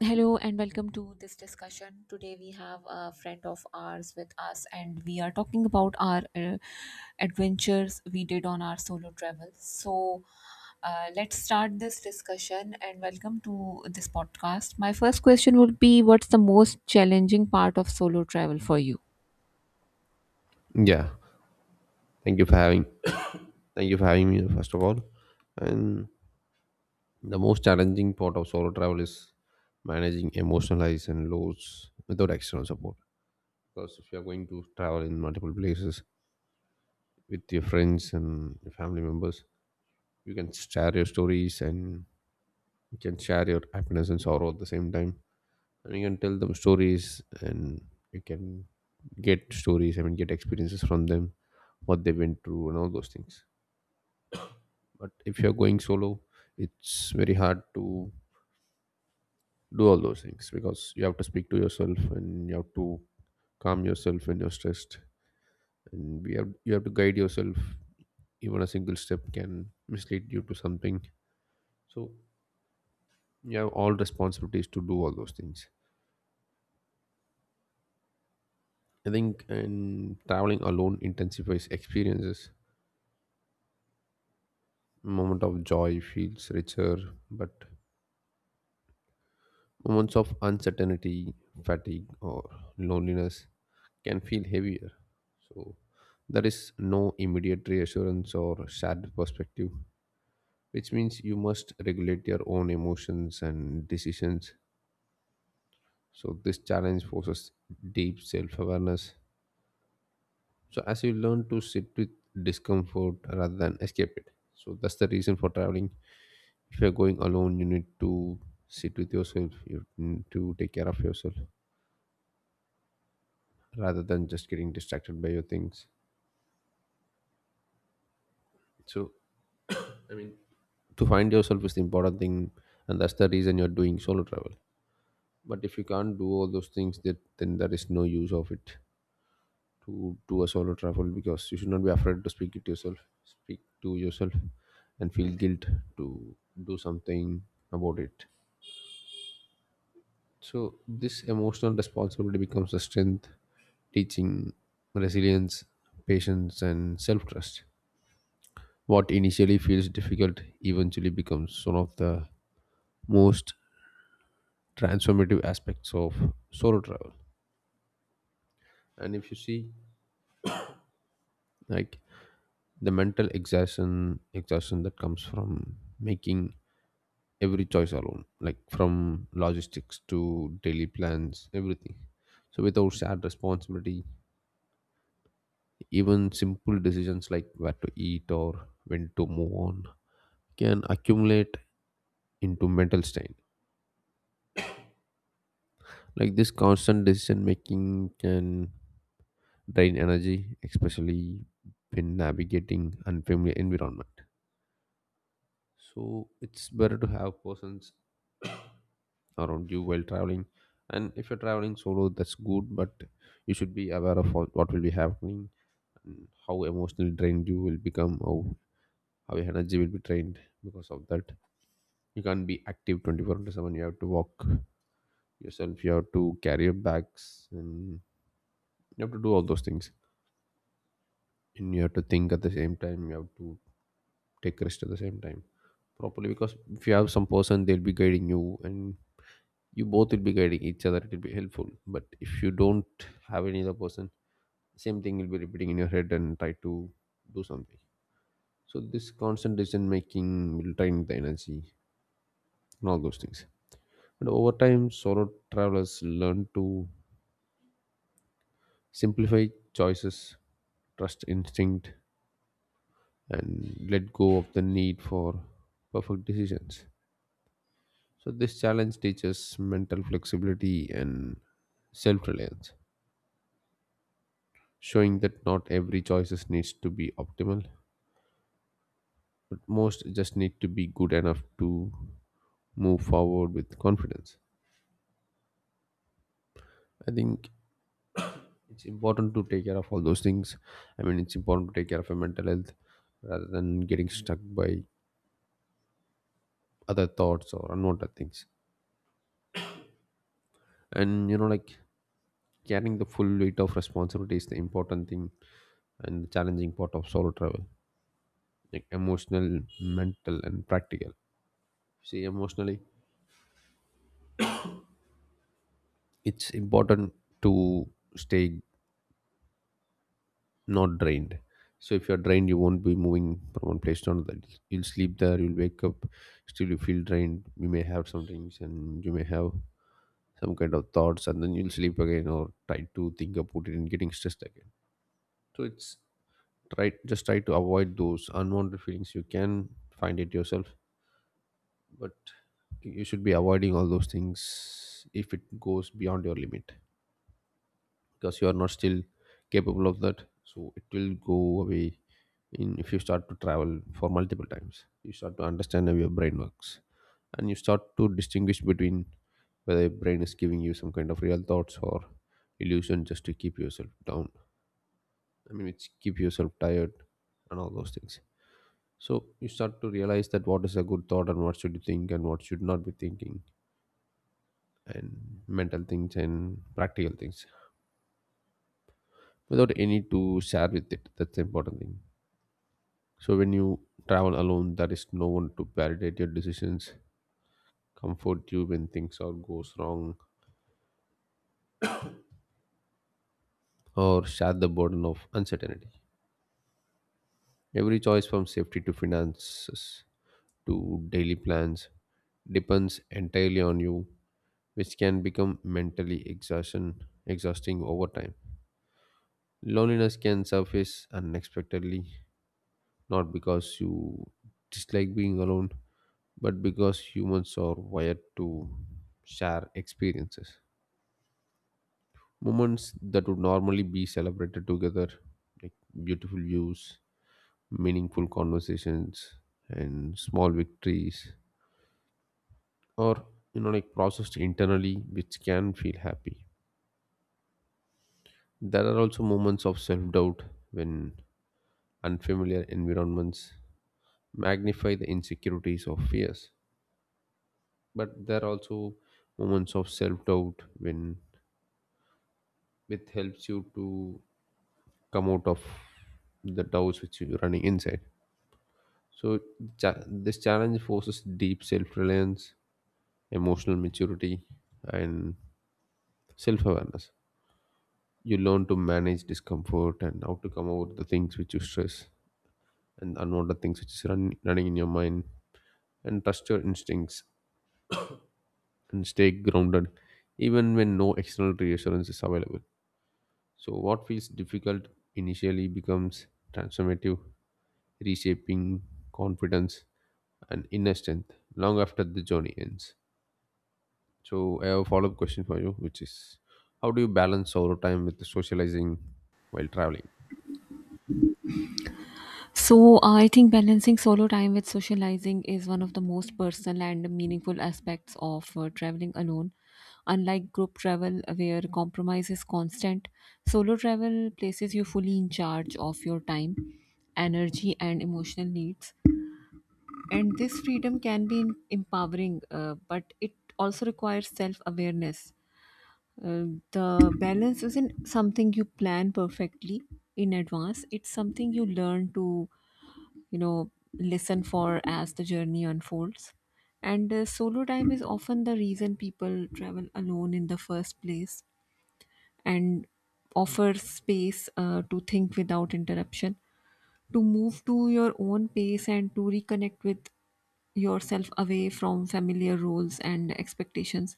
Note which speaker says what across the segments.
Speaker 1: Hello and welcome to this discussion. Today we have a friend of ours with us and we are talking about our adventures we did on our solo travel. So let's start this discussion and welcome to this podcast. My first question would be what's the most challenging part of solo travel for you?
Speaker 2: Yeah, thank you for having thank you for having me first of all. And the most challenging part of solo travel is managing emotional highs and lows without external support. Because if you are going to travel in multiple places with your friends and your family members, you can share your stories and you can share your happiness and sorrow at the same time. And you can tell them stories and you can get stories, I mean get experiences from them, what they went through and all those things. But if you're going solo, it's very hard to do all those things, because you have to speak to yourself and you have to calm yourself when you're stressed, and we have you have to guide yourself. Even a single step can mislead you to something, so you have all responsibilities to do all those things, I think. And traveling alone intensifies experiences. Moment of joy feels richer, but moments of uncertainty, fatigue, or loneliness can feel heavier. So, there is no immediate reassurance or shared perspective, which means you must regulate your own emotions and decisions. So, this challenge forces deep self awareness, So, as you learn to sit with discomfort rather than escape it. So, that's the reason for traveling. If you're going alone, you need to sit with yourself, you need to take care of yourself, rather than just getting distracted by your things. So, I mean, to find yourself is the important thing, and that's the reason you're doing solo travel. But if you can't do all those things, that then there is no use of it to do a solo travel, because you should not be afraid to speak it yourself, speak to yourself, and feel guilt to do something about it. So this emotional responsibility becomes a strength, teaching resilience, patience, and self trust. What initially feels difficult eventually becomes one of the most transformative aspects of solo travel. And if you see, like, the mental exhaustion that comes from making every choice alone, like from logistics to daily plans, everything. So without shared responsibility, even simple decisions like where to eat or when to move on can accumulate into mental strain. Like, this constant decision making can drain energy, especially when navigating unfamiliar environment. So it's better to have persons around you while traveling. And if you're traveling solo, that's good, but you should be aware of what will be happening, and how emotionally drained you will become, how your energy will be drained because of that. You can't be active 24 into 7. You have to walk yourself, you have to carry your bags, and you have to do all those things. And you have to think at the same time, you have to take rest at the same time properly, because if you have some person they'll be guiding you and you both will be guiding each other, it will be helpful. But if you don't have any other person, same thing will be repeating in your head and try to do something. So this constant decision making will drain the energy and all those things. And over time solo travelers learn to simplify choices, trust instinct, and let go of the need for perfect decisions. So, this challenge teaches mental flexibility and self reliance, showing that not every choice needs to be optimal, but most just need to be good enough to move forward with confidence. I think it's important to take care of all those things. I mean, it's important to take care of your mental health rather than getting stuck by other thoughts or unwanted things. And like, carrying the full weight of responsibility is the important thing, and the challenging part of solo travel, like emotional, mental, and practical. See, emotionally it's important to stay not drained. So if you're drained you won't be moving from one place to another. You'll sleep there, you'll wake up, still you feel drained, you may have some drinks and you may have some kind of thoughts and then you'll sleep again, or try to think about it and getting stressed again. So it's, try, just try to avoid those unwanted feelings, you can find it yourself. But you should be avoiding all those things if it goes beyond your limit, because you are not still capable of that, so it will go away. In if you start to travel for multiple times, you start to understand how your brain works, and you start to distinguish between whether your brain is giving you some kind of real thoughts or illusion just to keep yourself down. I mean, it's keep yourself tired and all those things. So you start to realize that what is a good thought and what should you think and what should not be thinking, and mental things and practical things, without any to share with it. That's the important thing. So when you travel alone, there is no one to validate your decisions, comfort you when things are goes wrong, or share the burden of uncertainty. Every choice from safety to finances to daily plans depends entirely on you, which can become mentally exhausting over time. Loneliness can surface unexpectedly, not because you dislike being alone, but because humans are wired to share experiences. Moments that would normally be celebrated together, like beautiful views, meaningful conversations, and small victories, or, like processed internally, which can feel happy. There are also moments of self doubt when unfamiliar environments magnify the insecurities or fears, but there are also moments of self-doubt when it helps you to come out of the doubts which you're running inside. So this challenge forces deep self-reliance, emotional maturity, and self-awareness. You learn to manage discomfort and how to come over the things which you stress, and unwanted things which is running in your mind, and trust your instincts, and stay grounded even when no external reassurance is available. So, what feels difficult initially becomes transformative, reshaping confidence and inner strength long after the journey ends. So, I have a follow up question for you, which is how do you balance solo time with socializing while traveling?
Speaker 1: So, I think balancing solo time with socializing is one of the most personal and meaningful aspects of traveling alone. Unlike group travel, where compromise is constant, solo travel places you fully in charge of your time, energy, and emotional needs. And this freedom can be empowering, but it also requires self awareness. Uh, the balance isn't something you plan perfectly in advance, it's something you learn to you know listen for as the journey unfolds, and solo time is often the reason people travel alone in the first place and offer space to think without interruption, to move to your own pace and to reconnect with yourself away from familiar roles and expectations.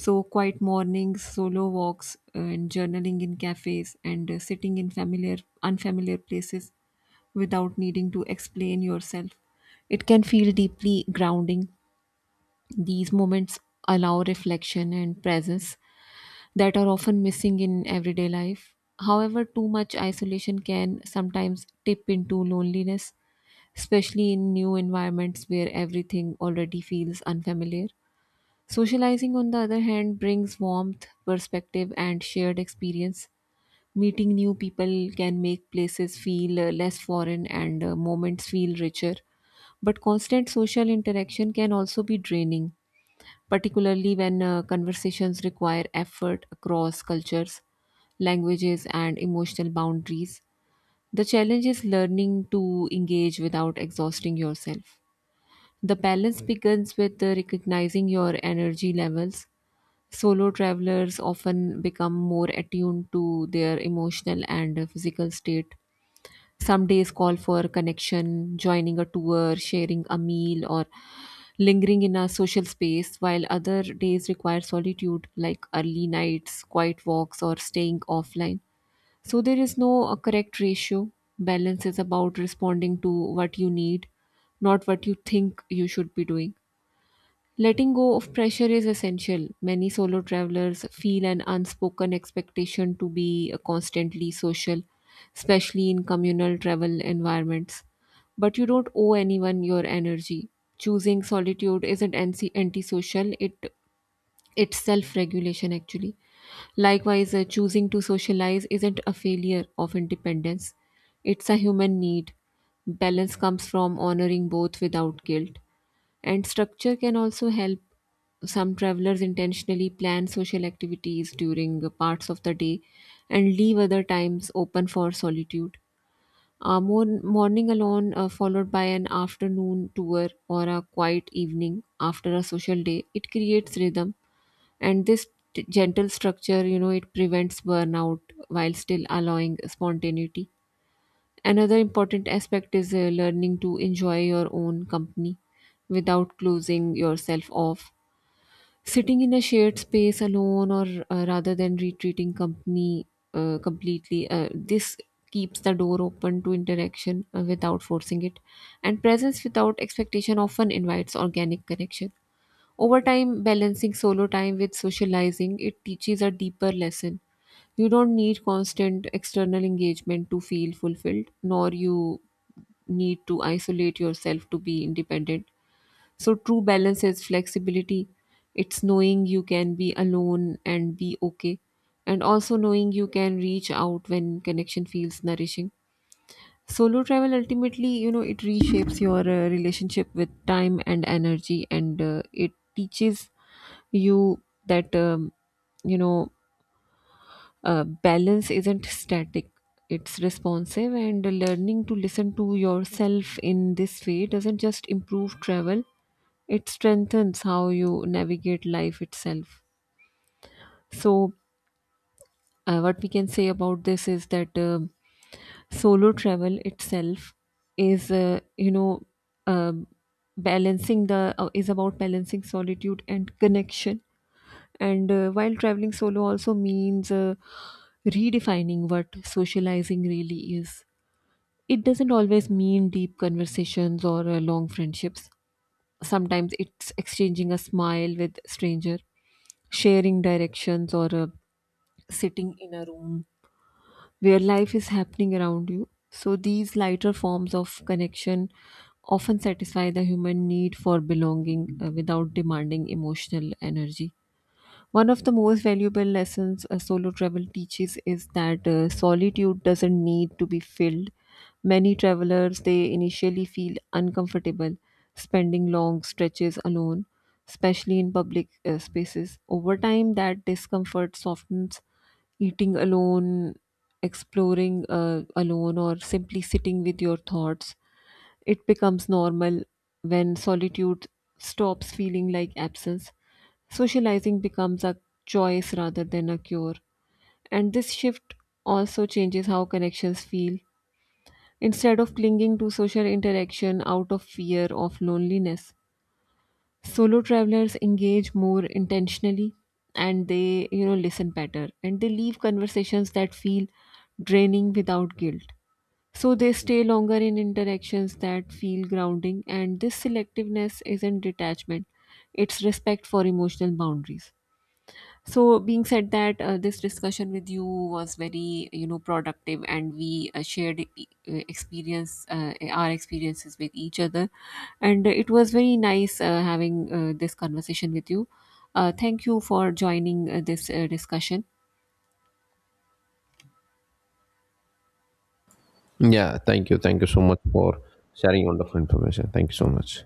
Speaker 1: So, quiet mornings, solo walks, and journaling in cafes, and sitting in familiar, unfamiliar places without needing to explain yourself. It can feel deeply grounding. These moments allow reflection and presence that are often missing in everyday life. However, too much isolation can sometimes tip into loneliness, especially in new environments where everything already feels unfamiliar. Socializing, on the other hand, brings warmth, perspective, and shared experience. Meeting new people can make places feel less foreign, and moments feel richer. But constant social interaction can also be draining, particularly when conversations require effort across cultures, languages, and emotional boundaries. The challenge is learning to engage without exhausting yourself. The balance begins with recognizing your energy levels. Solo travelers often become more attuned to their emotional and physical state. Some days call for connection, joining a tour, sharing a meal, or lingering in a social space, while other days require solitude, like early nights, quiet walks, or staying offline. So, there is no correct ratio. Balance is about responding to what you need, not what you think you should be doing. Letting go of pressure is essential. Many solo travelers feel an unspoken expectation to be constantly social, especially in communal travel environments. But you don't owe anyone your energy. Choosing solitude isn't antisocial, it's self regulation actually. Likewise, choosing to socialize isn't a failure of independence, it's a human need. Balance comes from honoring both without guilt. And structure can also help some travelers intentionally plan social activities during parts of the day and leave other times open for solitude. A morning alone, followed by an afternoon tour or a quiet evening after a social day, it creates rhythm. And this gentle structure, you know, it prevents burnout while still allowing spontaneity. Another important aspect is learning to enjoy your own company without closing yourself off. Sitting in a shared space alone, or rather than retreating company completely, this keeps the door open to interaction without forcing it, and presence without expectation often invites organic connection. Over time, balancing solo time with socializing, it teaches a deeper lesson. You don't need constant external engagement to feel fulfilled, nor you need to isolate yourself to be independent. So, true balance is flexibility. It's knowing you can be alone and be okay, and also knowing you can reach out when connection feels nourishing. Solo travel ultimately, you know, it reshapes your relationship with time and energy, and it teaches you that, you know, balance isn't static, it's responsive, and learning to listen to yourself in this way doesn't just improve travel, it strengthens how you navigate life itself. So, what we can say about this is that solo travel itself is you know, um balancing the is about balancing solitude and connection, and while traveling solo also means redefining what socializing really is. It doesn't always mean deep conversations or long friendships. Sometimes it's exchanging a smile with stranger, sharing directions, or sitting in a room where life is happening around you. So, these lighter forms of connection often satisfy the human need for belonging without demanding emotional energy. One of the most valuable lessons a solo travel teaches is that solitude doesn't need to be filled. Many travelers they initially feel uncomfortable spending long stretches alone, especially in public spaces. Over time, that discomfort softens. Eating alone, exploring alone, or simply sitting with your thoughts, it becomes normal when solitude stops feeling like absence. Socializing becomes a choice rather than a cure. And this shift also changes how connections feel. Instead of clinging to social interaction out of fear of loneliness, solo travelers engage more intentionally, and they, you know, listen better, and they leave conversations that feel draining without guilt. So they stay longer in interactions that feel grounding, and this selectiveness isn't detachment, it's respect for emotional boundaries. So, being said that, this discussion with you was very, you know, productive, and we shared experience, our experiences with each other, and it was very nice having this conversation with you. Thank you for joining this discussion.
Speaker 2: Yeah, thank you. Thank you so much for sharing wonderful information. Thank you so much.